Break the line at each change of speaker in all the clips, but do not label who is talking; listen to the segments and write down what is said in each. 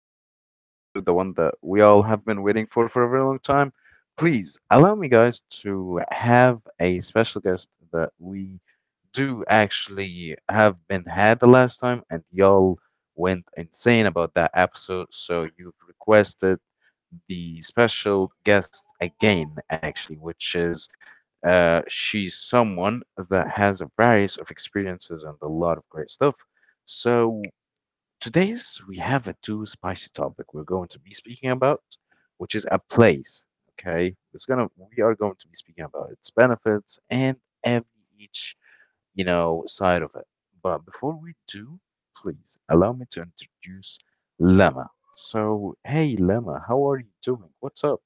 today's new episode, the one that we all have been waiting for a very long time. Please allow me, guys, to have a special guest that we do actually have been had the last time, and y'all went insane about that episode. So you've requested the special guest again, actually, which is she's someone that has a various of experiences and a lot of great stuff. So today's we have a too spicy topic we're going to be speaking about, which is a place. Okay, it's gonna we are going to be speaking about its benefits and every each side of it. But before we do, please allow me to introduce Lemma. So hey Lemma, how are you doing? What's up?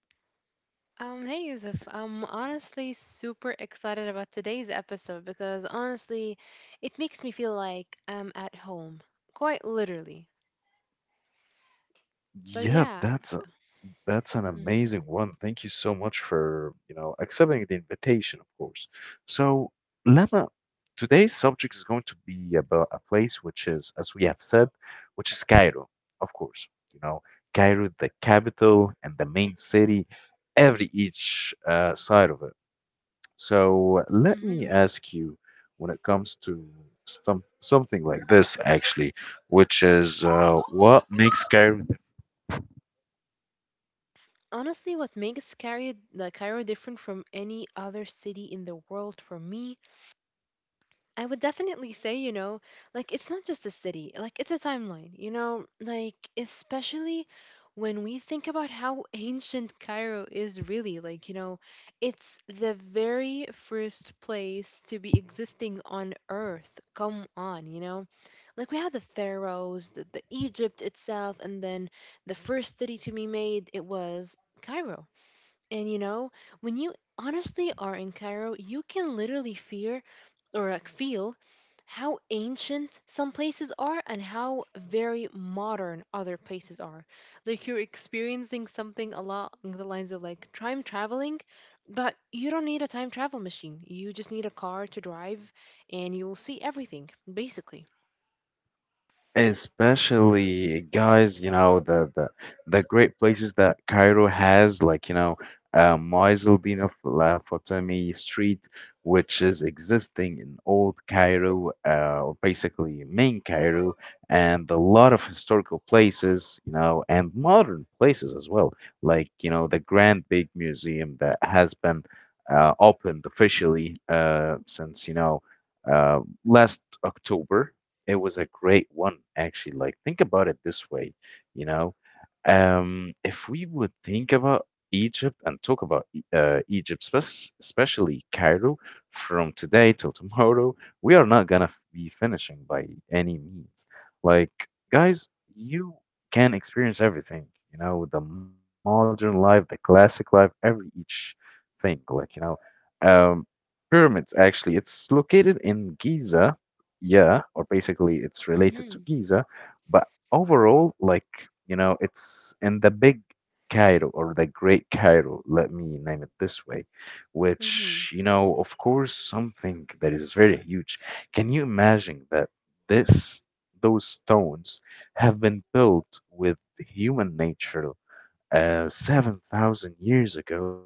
Hey Yusuf, I'm honestly super excited about today's episode because honestly, it makes me feel like I'm at home, quite literally. So
Yep,
yeah.
that's a that's an
Hmm.
amazing one. Thank you so much for, accepting the invitation, of course. So, Lama, today's subject is going to be about a place which is, as we have said, which is Cairo, of course. You know, Cairo, the capital and the main city, every each side of it. So, let me
Hmm.
ask you, when it comes to something like this, actually, which is what makes Cairo
Honestly, what makes Cairo, like Cairo different from any other city in the world for me, I would definitely say, you know, like it's not just a city, like it's a timeline, you know, like especially when we think about how ancient Cairo is really, like, you know, it's the very first place to be existing on earth. Come on, you know? Like we had the pharaohs, the Egypt itself, and then the first city to be made, it was Cairo. And you know, when you honestly are in Cairo, you can literally feel or like feel how ancient some places are and how very modern other places are. Like you're experiencing something along the lines of like time traveling, but you don't need a time travel machine. You just need a car to drive and you'll see everything, basically.
especially guys, you know, the the great places that Cairo has, like, you know, Maïs el-Din of La Fatemi Street, which is existing in old Cairo, or basically main Cairo, and a lot of historical places, you know, and modern places as well, like, you know, the Grand Big Museum that has been opened officially since, uh, last October. It was a great one, actually. Like, think about it this way, you know. If we would think about Egypt and talk about Egypt, especially Cairo, from today till tomorrow, we are not gonna be finishing by any means. Like, guys, you can experience everything, you know, the modern life, the classic life, every each thing. Like, you know, um, pyramids actually, it's located in Giza, yeah, or basically it's related to
Mhm.
Giza, but overall, like, you know, it's in the big Cairo or the Great Cairo, let me name it this way,
Mhm.
which, you know, of course, something that is very huge. Can you imagine that this those stones have been built with human nature 7,000 years ago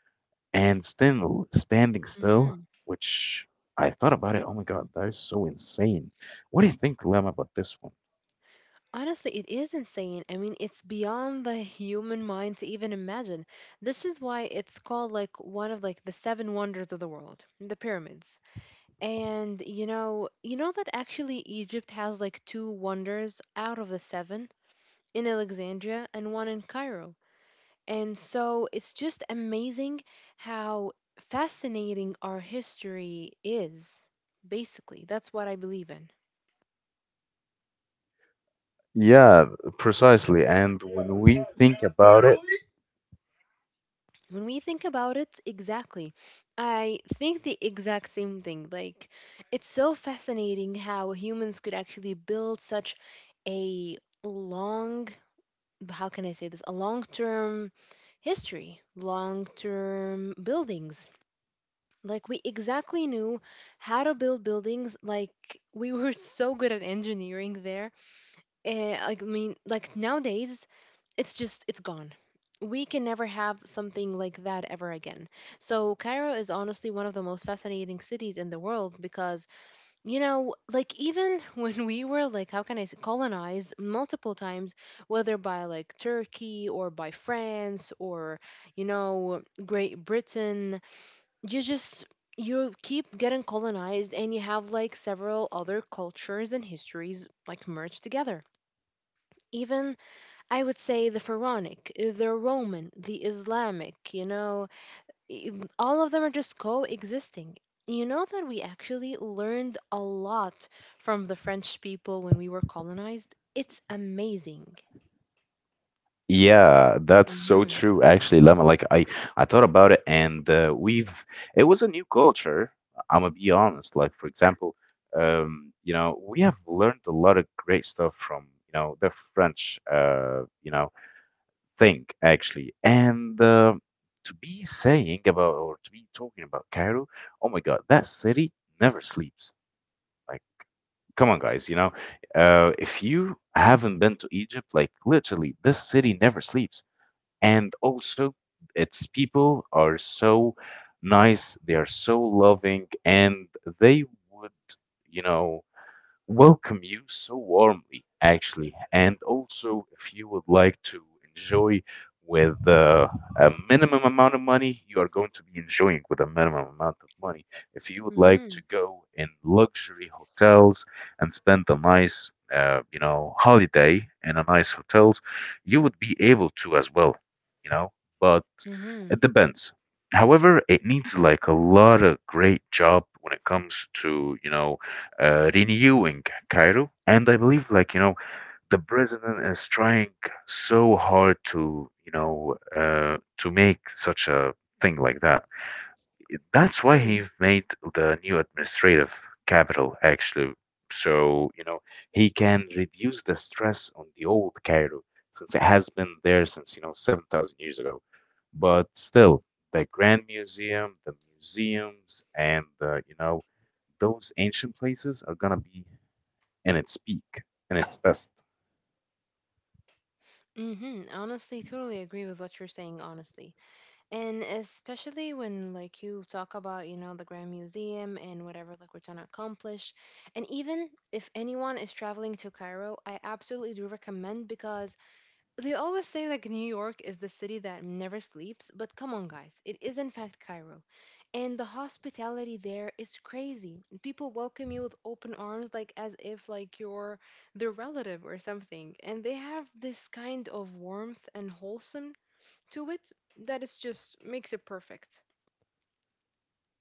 and still, standing still,
Mhm.
which I thought about it. Oh my God, that is so insane. What do you think, Lam, about this one?
Honestly, it is insane. I mean, it's beyond the human mind to even imagine. This is why it's called like one of like the seven wonders of the world, the pyramids. And you know that actually Egypt has like two wonders out of the seven, in Alexandria and one in Cairo. And so it's just amazing how fascinating our history is. Basically, that's what I believe in.
Yeah, precisely. And when we think about it,
When we think about it, exactly. I think the exact same thing. Like, it's so fascinating how humans could actually build such a long, how can I say this? A long term history, long term buildings. Like we exactly knew how to build buildings. Like we were so good at engineering there. And I mean, like nowadays, it's just it's gone. We can never have something like that ever again. So Cairo is honestly one of the most fascinating cities in the world because you know, like even when we were like, how can I say, colonized multiple times, whether by like Turkey or by France or, you know, Great Britain, you just, you keep getting colonized and you have like several other cultures and histories like merged together. Even I would say the Pharaonic, the Roman, the Islamic, you know, i- all of them are just coexisting. You know that we actually learned a lot from the French people when we were colonized? It's amazing.
yeah, that's so
Mm-hmm.
true. Actually, Lemma, I thought about it, and we've it was a new culture. I'm gonna be honest. Like for example, you know, we have learned a lot of great stuff from the French. You know. Thing actually. And to be saying about or to be talking about Cairo, oh my God, that city never sleeps. Like, come on, guys, you know, if you haven't been to Egypt, like literally, this city never sleeps. And also, its people are so nice, they are so loving, and they would, you know welcome you so warmly, actually. And also, if you would like to enjoy with a minimum amount of money, you are going to be enjoying with a minimum amount of money. If you would like
Mm-hmm.
to go in luxury hotels and spend a nice, you know, holiday in a nice hotels, you would be able to as well, you know. But
Mm-hmm.
it depends. However, it needs like a lot of great job when it comes to, you know, renewing Cairo. And I believe, like, you know, the president is trying so hard to, to make such a thing like that. That's why he
True.
made the new administrative capital, actually. So, you know, he can reduce the stress on the old Cairo since it has been there since, you know, 7,000 years ago. But still, the Grand Museum, the museums, and, you know, those ancient places are gonna be and its peak and its best.
Mm-hmm. Honestly, totally agree with what you're saying, honestly. And especially when like you talk about, you know, the Grand Museum and whatever like we're trying to accomplish. And even if anyone is traveling to Cairo, I absolutely do recommend, because they always say like New York is the city that never sleeps, but come on, guys, it is in fact Cairo. And the hospitality there is crazy. People welcome you with open arms, like as if like you're their relative or something. And they have this kind of warmth and wholesome to it that is just makes it perfect.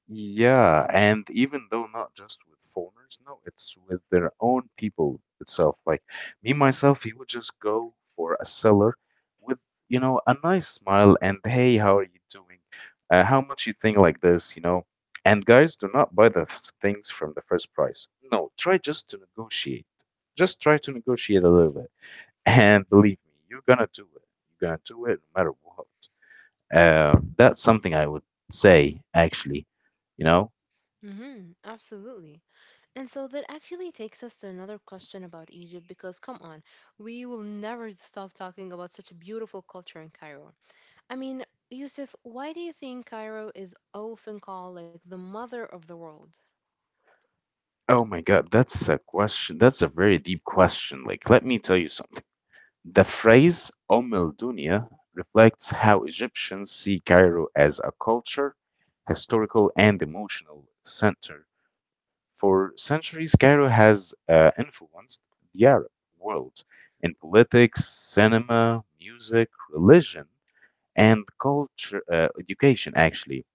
Yeah, and even though not just with foreigners, no, it's with their own people itself. Like me myself, he would just go for a seller with, you know, a nice smile and hey, how are you doing? How much you think like this, you know? And guys, do not buy the things from the first price. No, try just to negotiate. Just try to negotiate a little bit. And believe me, you're gonna do it. You're gonna do it no matter what. That's something I would say, actually. You know?
Mm-hmm, absolutely. And so that actually takes us to another question about Egypt because come on, we will never stop talking about such a beautiful culture in Cairo. I mean, Yusuf, why do you think Cairo is often called like the mother of the world?
Oh my God, that's a question. That's a very deep question. Like, let me tell you something. The phrase al Dunya reflects how Egyptians see Cairo as a culture, historical, and emotional center. For centuries, Cairo has influenced the Arab world in politics, cinema, music, religion, and culture, education, actually.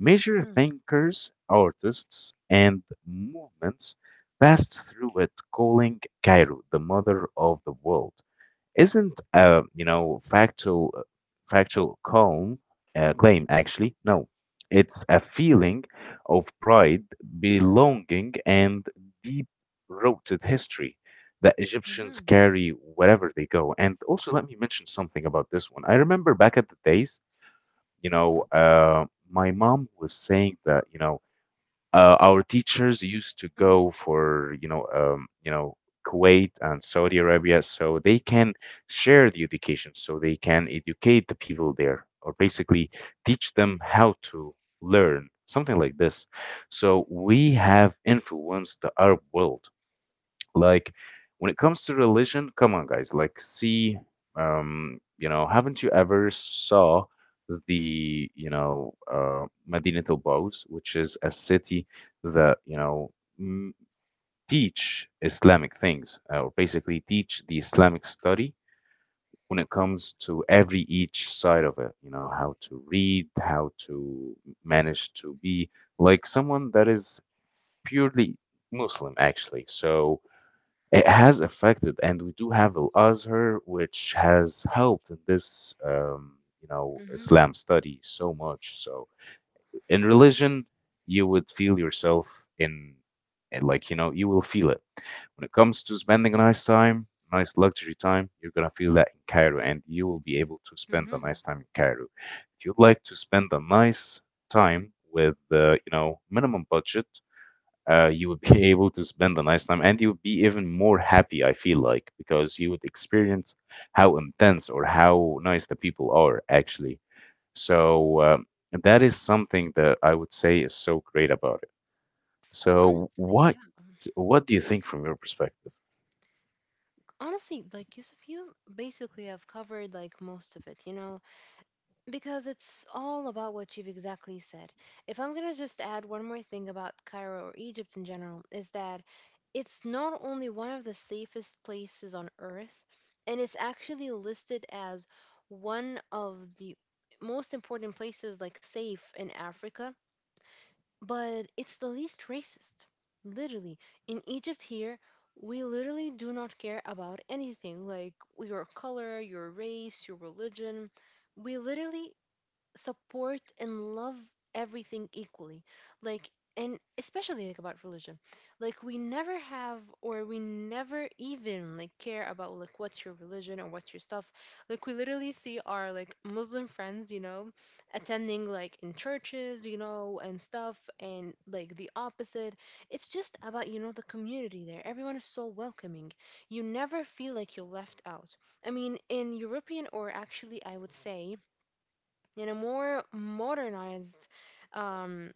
Major
Hmm.
thinkers, artists, and movements passed through it. Calling Cairo the mother of the world isn't a factual factual calm claim actually. No, it's a feeling of pride, belonging, and deep-rooted history that Egyptians
Hmm.
carry wherever they go. And also, let me mention something about this one. I remember back at the days, you know, my mom was saying that our teachers used to
Hmm.
go for Kuwait and Saudi Arabia so they can share the education so they can educate the people there or basically teach them how to learn something like this, so we have influenced the Arab world. Like when it comes to religion, come on, guys. Like, see, you know, haven't you ever saw the Madinat al Bawz, which is a city that m- teach Islamic things, or basically teach the Islamic study when it comes to every each side of it. You know, how to read, how to manage to be like someone that is purely Muslim, actually. So it has affected, and we do have Al Azhar, which has helped in this, you know,
Hmm.
Islam study so much. So in religion, you would feel yourself in, and like, you know, you will feel it. When it comes to spending a nice time, nice luxury time, you're gonna feel that in Cairo, and you will be able to spend a
Hmm.
nice time in Cairo. If you'd like to spend a nice time with, you know, minimum budget, you would be able to spend a nice time and you would be even more happy, I feel like, because you would experience how intense or how nice the people are actually. So that is something that I would say is so great about it. So
Honestly, yeah.
what do you think from your perspective?
Honestly, like Yusuf, you basically have covered like most of it, you know? Because it's all about what you've exactly said. If I'm going to just add one more thing about Cairo or Egypt in general, is that it's not only one of the safest places on earth, and it's actually listed as one of the most important places, like safe in Africa, but it's the least racist. Literally. In Egypt here, we literally do not care about anything like your color, your race, your religion. We literally support and love everything equally, like, and especially like about religion, like we never have or we never even like care about like what's your religion or what's your stuff, like we literally see our like Muslim friends, you know, attending like in churches, you know, and stuff and like the opposite. It's just about, you know, the community there, everyone is so welcoming. You never feel like you're left out. I mean, in European or actually I would say in a more modernized um,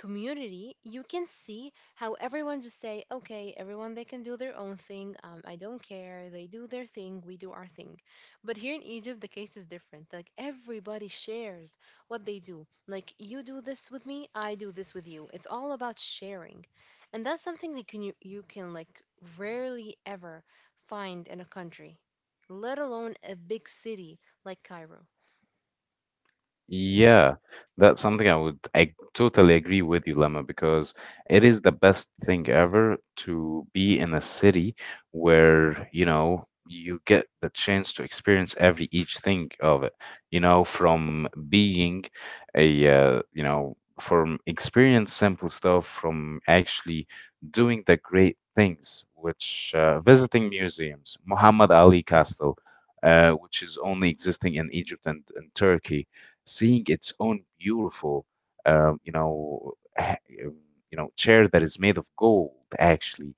community, you can see how everyone just say, okay, everyone they can do their own thing. I don't care. They do their thing. We do our thing. But here in Egypt, the case is different. Like everybody shares what they do. Like you do this with me, I do this with you. It's all about sharing, and that's something that can you can like rarely ever find in a country, let alone a big city like Cairo.
Yeah, that's something I totally agree with you, Lemma, because it is the best thing ever to be in a city where, you know, you get the chance to experience every each thing of it, you know, from being a, you know, from experience simple stuff, from actually doing the great things, which visiting museums, Muhammad Ali Castle, which is only existing in Egypt and Turkey, seeing its own beautiful, um, you know, ha- um, you know, chair that is made of gold, actually.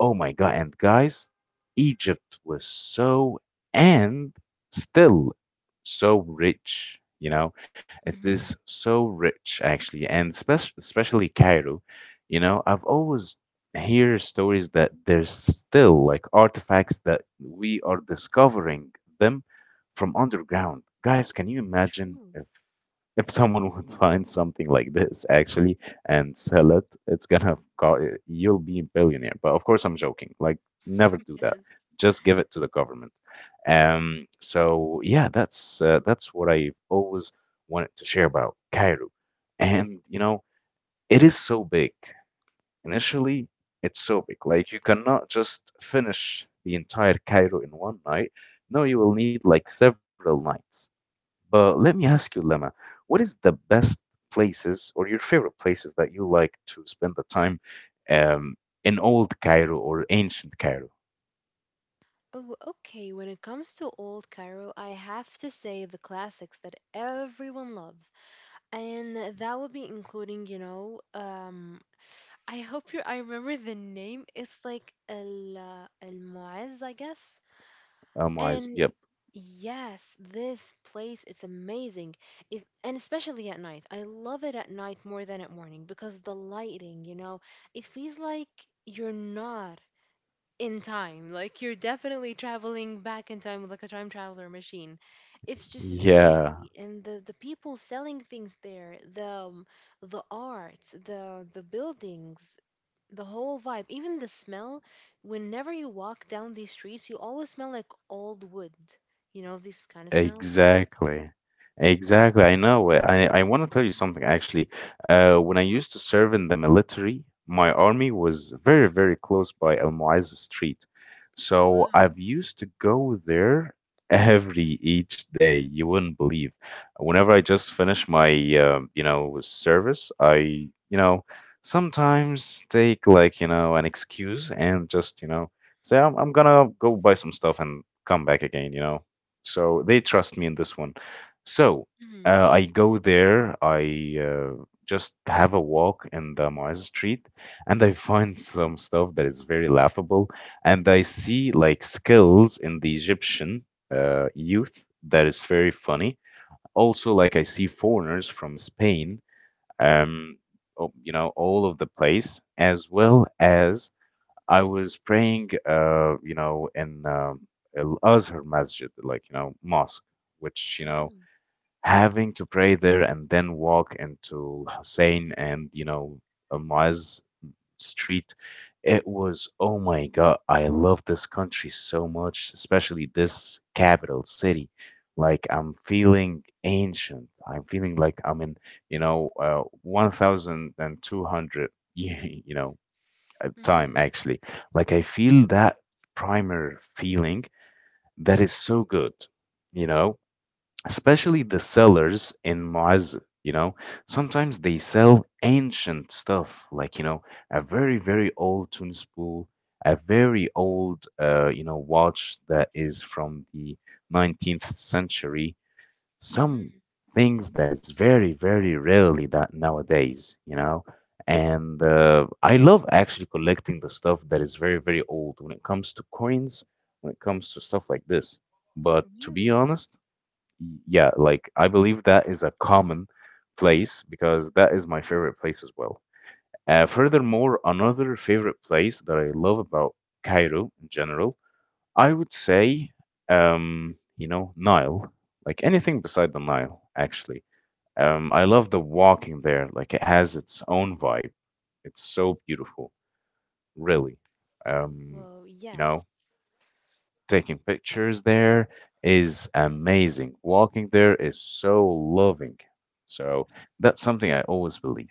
Oh my God. And guys, Egypt was so and still so rich, you know. It is
Mm-hmm.
so rich, actually, and especially Cairo, you know, I've always hear stories that there's still like artifacts that we are discovering them from underground. Guys, can you imagine
True.
if someone would find something like this actually and sell it, it's gonna you'll be a billionaire. But of course, I'm joking. Like, never do that.
Yes.
Just give it to the government. So yeah, that's what I always wanted to share about Cairo, and you know, it is so big. Initially, it's so big. Like, you cannot just finish the entire Cairo in one night. No, you will need like several nights. But let me ask you, Lemma, what is the best places or your favorite places that you like to spend the time um, in old Cairo or ancient Cairo?
Oh, okay. When it comes to Old Cairo, I have to say the classics that everyone loves. And that would be including, you know, I hope you I remember the name. It's like El Muaz, I guess.
Um,
And
yep.
yes, this place it's amazing. It, and especially at night. I love it at night more than at morning because the lighting, you know, it feels like you're not in time. Like you're definitely traveling back in time with like a time traveler machine. It's just it's
Yeah.
crazy, and the people selling things there, the art, the buildings, the whole vibe, even the smell. Whenever you walk down these streets, you always smell like old wood. You know these kind of smells.
Exactly. Exactly. I know. It. I want to tell you something actually. When I used to serve in the military, my army was very, very close by Al Mu'izz Street. So
Wow.
I've used to go there every each day. You wouldn't believe. Whenever I just finish my you know, service, I, you know, sometimes take like, you know, an excuse and just, you know, say I'm gonna go buy some stuff and come back again, you know. So they trust me in this one. So
Mhm.
I go there, I just have a walk in the Mars Street, and I find some stuff that is very laughable. And I see like skills in the Egyptian youth that is very funny. Also, like I see foreigners from Spain, um, you know, all of the place, as well as I was praying, you know, in Al Azhar Masjid, like, you know, mosque, which, you know,
Mhm.
having to pray there and then walk into Hussein and, you know, Almaz Street, it was, oh my God, I love this country so much, especially this capital city. Like, I'm feeling ancient. I'm feeling like I'm in, 1,200, you know, time
Mhm.
actually, like I feel that primer feeling that is so good, you know, especially the sellers in Moaz, you know, sometimes they sell ancient stuff, like, you know, a very, very old tune, a very old, you know, watch that is from the 19th century, some
Mhm.
things that is very very rarely that nowadays, you know. And I love actually collecting the stuff that is very very old when it comes to coins, when it comes to stuff like this. But to be
Really?
honest, yeah, like I believe that is a common place because that is my favorite place as well. Furthermore, another favorite place that I love about Cairo in general, I would say, you know, Nile, like anything beside the Nile, actually. I love the walking there. Like it has its own vibe. It's so beautiful, really. Um,
Whoa.
you know,
Yes.
taking pictures there is amazing. Walking there is so loving. So that's something I always believe.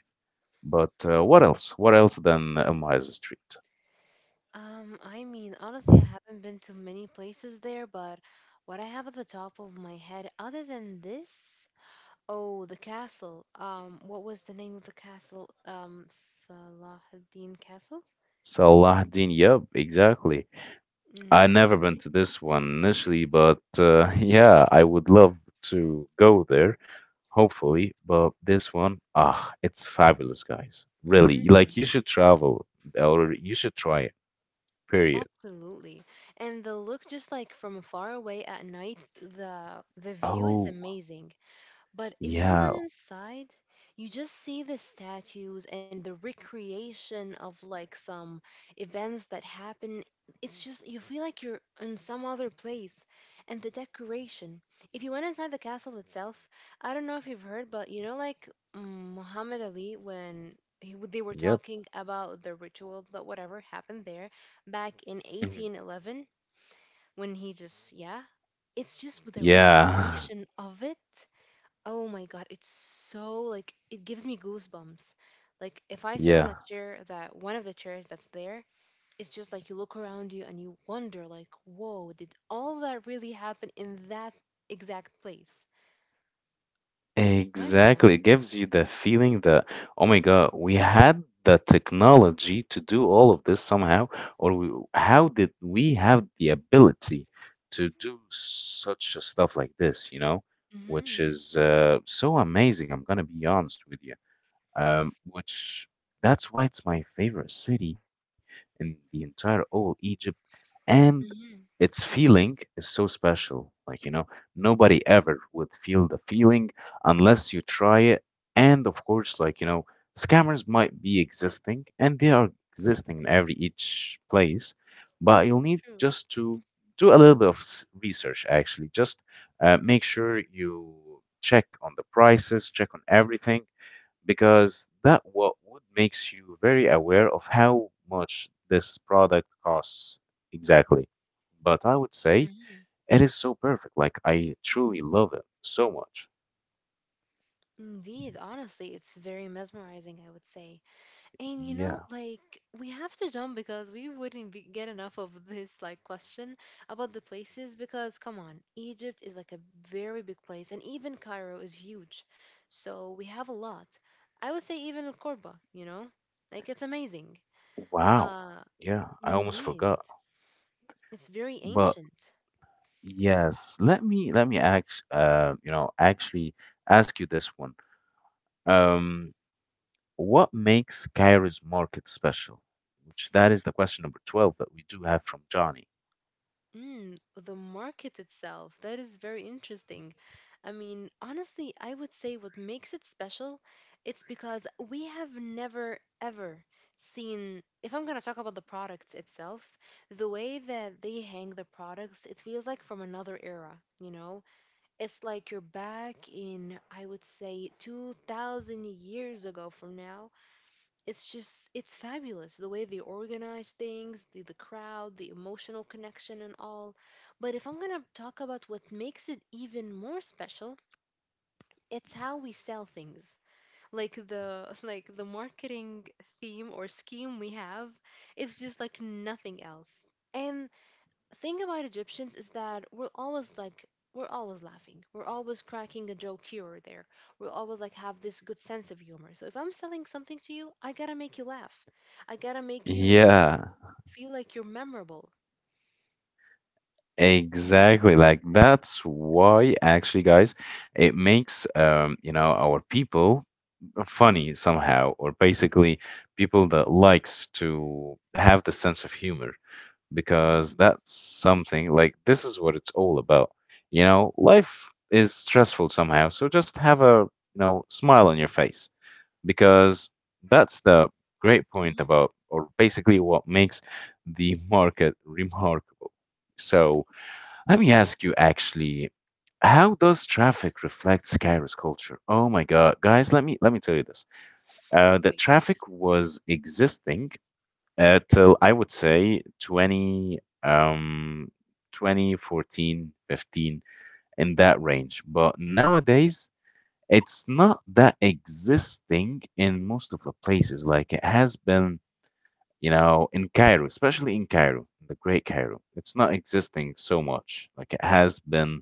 But what else? What else than a Miles Street?
I mean, honestly, I haven't been to many places there, but what I have at the top of my head, other than this, oh, the castle. What was the name of the castle? Salahuddin Castle?
Salahuddin, yep, exactly. I
Mm-hmm.
never been to this one initially, but yeah, I would love to go there, hopefully. But this one, ah, it's fabulous, guys. Really,
Mm-hmm.
like you should travel or you should try it, period.
Absolutely. And the look just like from far away at night, the view is
Oh,
amazing. But if you
yeah,
went inside, you just see the statues and the recreation of like some events that happen. It's just you feel like you're in some other place. And the decoration. If you went inside the castle itself, I don't know if you've heard, but you know, like mm, Muhammad Ali when he, they were
yep.
talking about the ritual that whatever happened there back in
Mhm.
1811, when he just yeah, it's just with the
Yeah.
recreation of it. Oh my God, it's so like it gives me goosebumps. Like if I sit on a
Yeah.
chair that one of the chairs that's there, it's just like you look around you and you wonder like, "Whoa, did all that really happen in that exact place?" It's mind-blowing.
Exactly. It gives you the feeling that, oh my God, we had the technology to do all of this somehow, or we, how did we have the ability to do such a stuff like this, you know, which
Mhm.
is so amazing. I'm gonna be honest with you. Which, that's why it's my favorite city in the entire old Egypt. And
Mhm.
its feeling is so special. Like, you know, nobody ever would feel the feeling unless you try it. And of course, like, you know, scammers might be existing and they are existing in every each place, but you'll need
True.
just to do a little bit of research actually. Just make sure you check on the prices, check on everything, because that what would makes you very aware of how much this product costs exactly. But I would say
Mhm.
it is so perfect. Like I truly love it so much.
Indeed, honestly, it's very mesmerizing, I would say. And you
Yeah.
know, like we have to jump because we wouldn't be, get enough of this like question about the places because come on, Egypt is like a very big place and even Cairo is huge. So we have a lot. I would say even Corba, you know? Like it's amazing.
Wow.
Uh
Yeah, I almost
indeed.
forgot.
It's very
But
ancient.
yes, let me actually ask you this one. Um, what makes Cairo's market special? Which that is the question number 12 that we do have from Johnny.
Mm, the market itself, that is very interesting. I mean, honestly, I would say what makes it special, it's because we have never ever seen, if I'm going to talk about the products itself, the way that they hang the products, it feels like from another era, you know? It's like you're back in, I would say, 2000 years ago from now. It's just it's fabulous the way they organize things, the crowd, the emotional connection and all. But if I'm going to talk about what makes it even more special, it's how we sell things, like the like the marketing theme or scheme we have is just like nothing else. And thing about Egyptians is that we're always like, we're always laughing, we're always cracking a joke here or there. We'll always like have this good sense of humor, so if I'm selling something to you, I gotta make you laugh, I gotta make you
Yeah.
feel like you're memorable. Hmm.
Exactly. Like that's why actually, guys, it makes you know, our people funny somehow, or basically people that likes to have the sense of humor, because
Hmm.
that's something like this is what it's all about. You know, life is stressful somehow, so just have a, you know, smile on your face, because that's the great point
Hmm.
about, or basically what makes the market remarkable. So, let me ask you
Exactly.
actually, how does traffic reflect Cairo's culture? Oh my God, guys, let me tell you this. The
okay.
traffic was existing till I would say 20 um 2014, in that range. But nowadays it's not that existing in most of the places like it has been, you know, in Cairo, especially in Cairo, the Great Cairo. It's not existing so much like it has been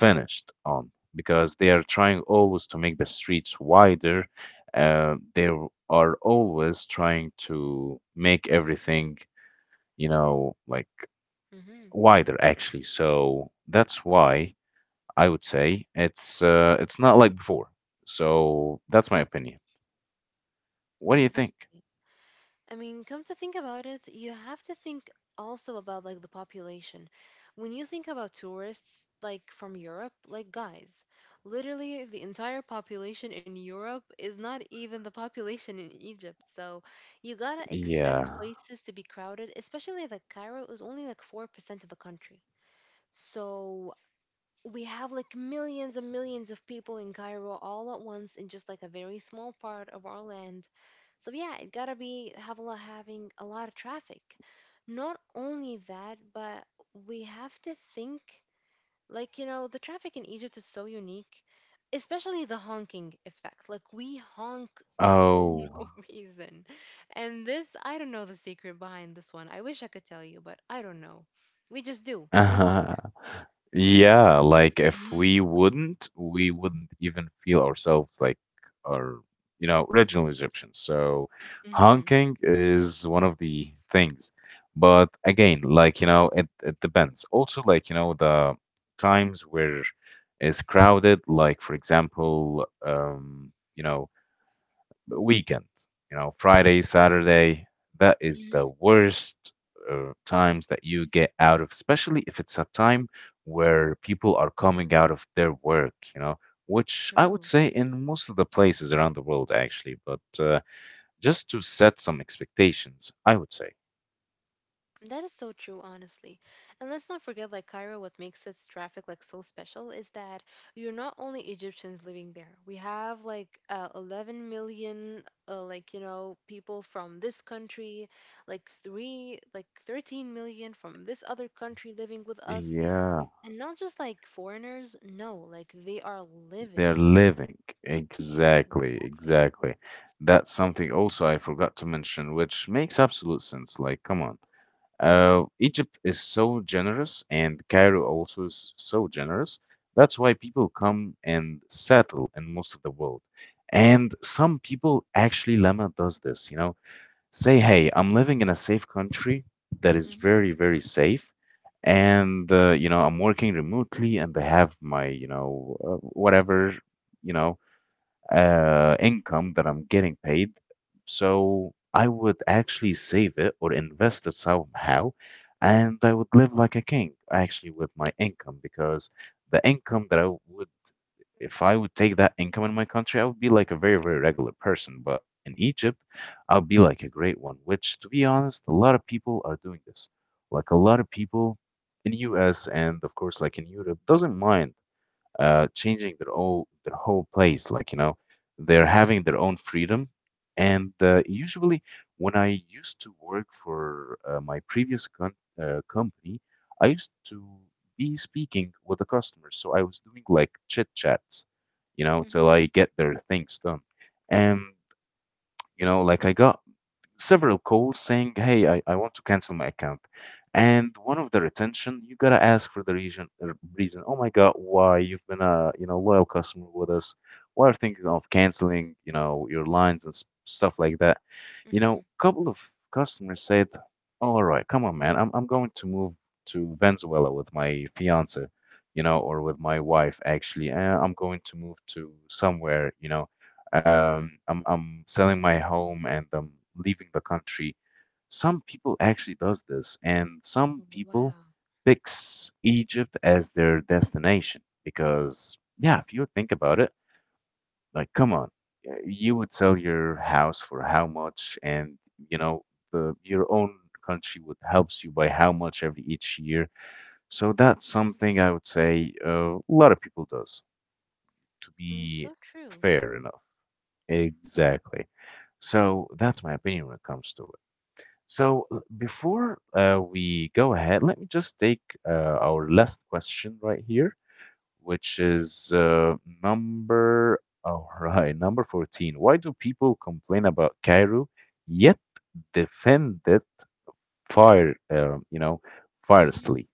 finished on, because they are trying always to make the streets wider. They are always trying to make everything, you know, like,
Hmm.
wider actually. So that's why I would say it's not like before. So that's my opinion. What do you think?
Exactly. I mean, come to think about it, you have to think also about like the population. When you think about tourists like from Europe, like guys, literally the entire population in Europe is not even the population in Egypt. So you gotta expect
Yeah.
places to be crowded, especially like Cairo is only like 4% of the country. So we have like millions and millions of people in Cairo all at once in just like a very small part of our land. So yeah, it gotta be have a lot, having a lot of traffic. Not only that, but we have to think, like, you know, the traffic in Egypt is so unique, especially the honking effect. Like we honk for
Oh.
no reason. And this, I don't know the secret behind this one. I wish I could tell you, but I don't know. We just do. We honk.
Yeah, like if
Hmm.
we wouldn't, we wouldn't even feel ourselves like our, you know, original Egyptians. So
Hmm.
honking is one of the things. But again, like, you know, it depends. Also, like, you know, the times where it's crowded, like for example, you know, weekend, you know, Friday, Saturday, that is the
Hmm.
worst times that you get out of, especially if it's a time where people are coming out of their work, you know, which I would
True.
say in most of the places around the world, actually. But just to set some expectations, I would say.
That is so true, honestly. And let's not forget, like Cairo, what makes its traffic like so special is that you're not only Egyptians living there. We have like 11 million, like you know, people from this country, like three, like 13 million from this other country living with us,
Yeah,
and not just like foreigners. No, like they are living.
they're living. Exactly,
Exactly.
exactly. That's something also I forgot to mention, which makes absolute sense. Like, come on.
Mhm.
Egypt is so generous, and Cairo also is so generous. That's why people come and settle in most of the world. And some people actually, Lama does this, you know, say, hey, I'm living in a safe country that is
Mhm.
very, very safe. And, you know, I'm working remotely, and I have my, you know, whatever, you know, income that I'm getting paid. So I would actually save it or invest it somehow, and I would live like a king actually with my income, because the income that I would, if I would take that income in my country, I would be like a very, very regular person. But in Egypt, I'll be like a great one, which, to be honest, a lot of people are doing this. Like a lot of people in US, and of course like in Europe doesn't mind changing their whole place. Like, you know, they're having their own freedom. And usually, when I used to work for my previous con company, I used to be speaking with the customers. So I was doing like chit chats, you know, till
Mhm.
I get their things done. And you know, like I got several calls saying, "Hey, I want to cancel my account." And one of the retention, you gotta ask for the reason. Reason. Oh my God, why you've been a, you know, loyal customer with us? Why are thinking of canceling? You know your lines and stuff like that. You
Mhm.
know, couple of customers said, "All right, come on, man. I'm going to move to Venezuela with my fiance." You know, or with my wife, actually. I'm going to move to somewhere, you know, I'm selling my home and I'm leaving the country. Some people actually does this, and some people
Wow.
picks Egypt as their destination because, yeah, if you think about it, like, come on, you would sell your house for how much, and you know, the your own country would helps you by how much every each year. So that's
Mhm.
something I would say a lot of people does, to
Mm,
be
so true.
fair enough. Exactly. So that's my opinion when it comes to it. So before we go ahead, let me just take our last question right here, which is number, all right, number 14. Why do people complain about Cairo yet defend it fire, uh, you know,
Mhm.
fiercely?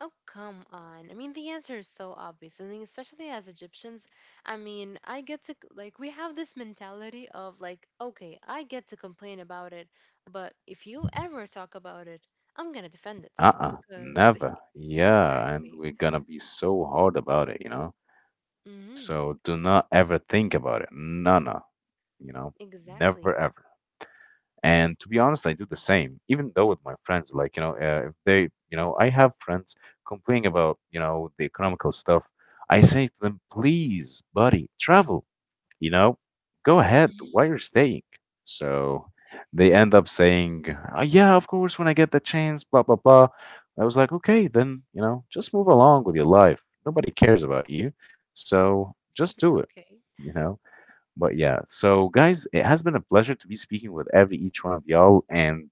Oh, come on. I mean, the answer is so obvious. I think, especially as Egyptians, I mean, I get to, like, we have this mentality of, like, okay, I get to complain about it, but if you ever talk about it, I'm gonna defend it.
Uh-uh,
Because,
never. Yeah, and
exactly.
we're gonna be so hard about it, you know?
Hmm.
So do not ever think about it. No, no, you know, never
Exactly.
ever. And to be honest, I do the same, even though with my friends, like, you know, if they, you know, I have friends complaining about, you know, the economical stuff. I say to them, please, buddy, travel, you know, go ahead
Hmm.
while you're staying. So they end up saying, Yeah, of course, when I get the chance, blah, blah, blah." I was like, okay, then, you know, just move along with your life. Nobody cares about you. So just do it,
Okay.
you know? But yeah, so guys, it has been a pleasure to be speaking with every each one of y'all, and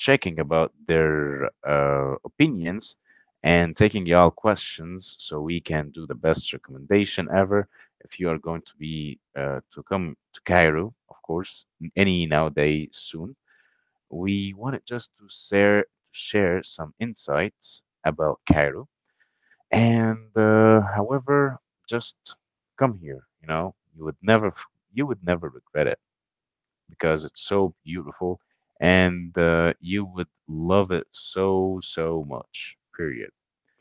checking about their opinions, and taking y'all questions so we can do the best recommendation ever. If you are going to be to come to Cairo, of course, any nowadays soon, we wanted just to share some insights about Cairo, and however, just come here. You know, you would never regret it because it's so beautiful, and you would love it so so much. Period.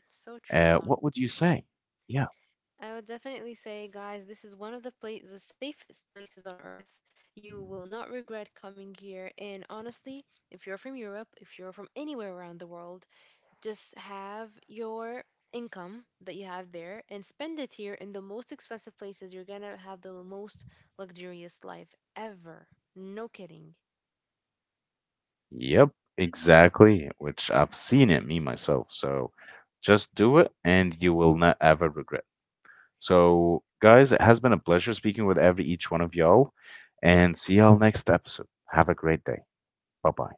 So true,
What would you
honestly.
say? Yeah.
I would definitely say, guys, this is one of the safest places on earth. You will not regret coming here. And honestly, if you're from Europe, if you're from anywhere around the world, just have your income that you have there and spend it here in the most expensive places. You're gonna have the most luxurious life ever. No kidding.
Yep. Exactly. Which I've seen it me myself. So just do it, and you will not ever regret. So, guys, it has been a pleasure speaking with every each one of y'all, and see y'all next episode. Have a great day. Bye bye.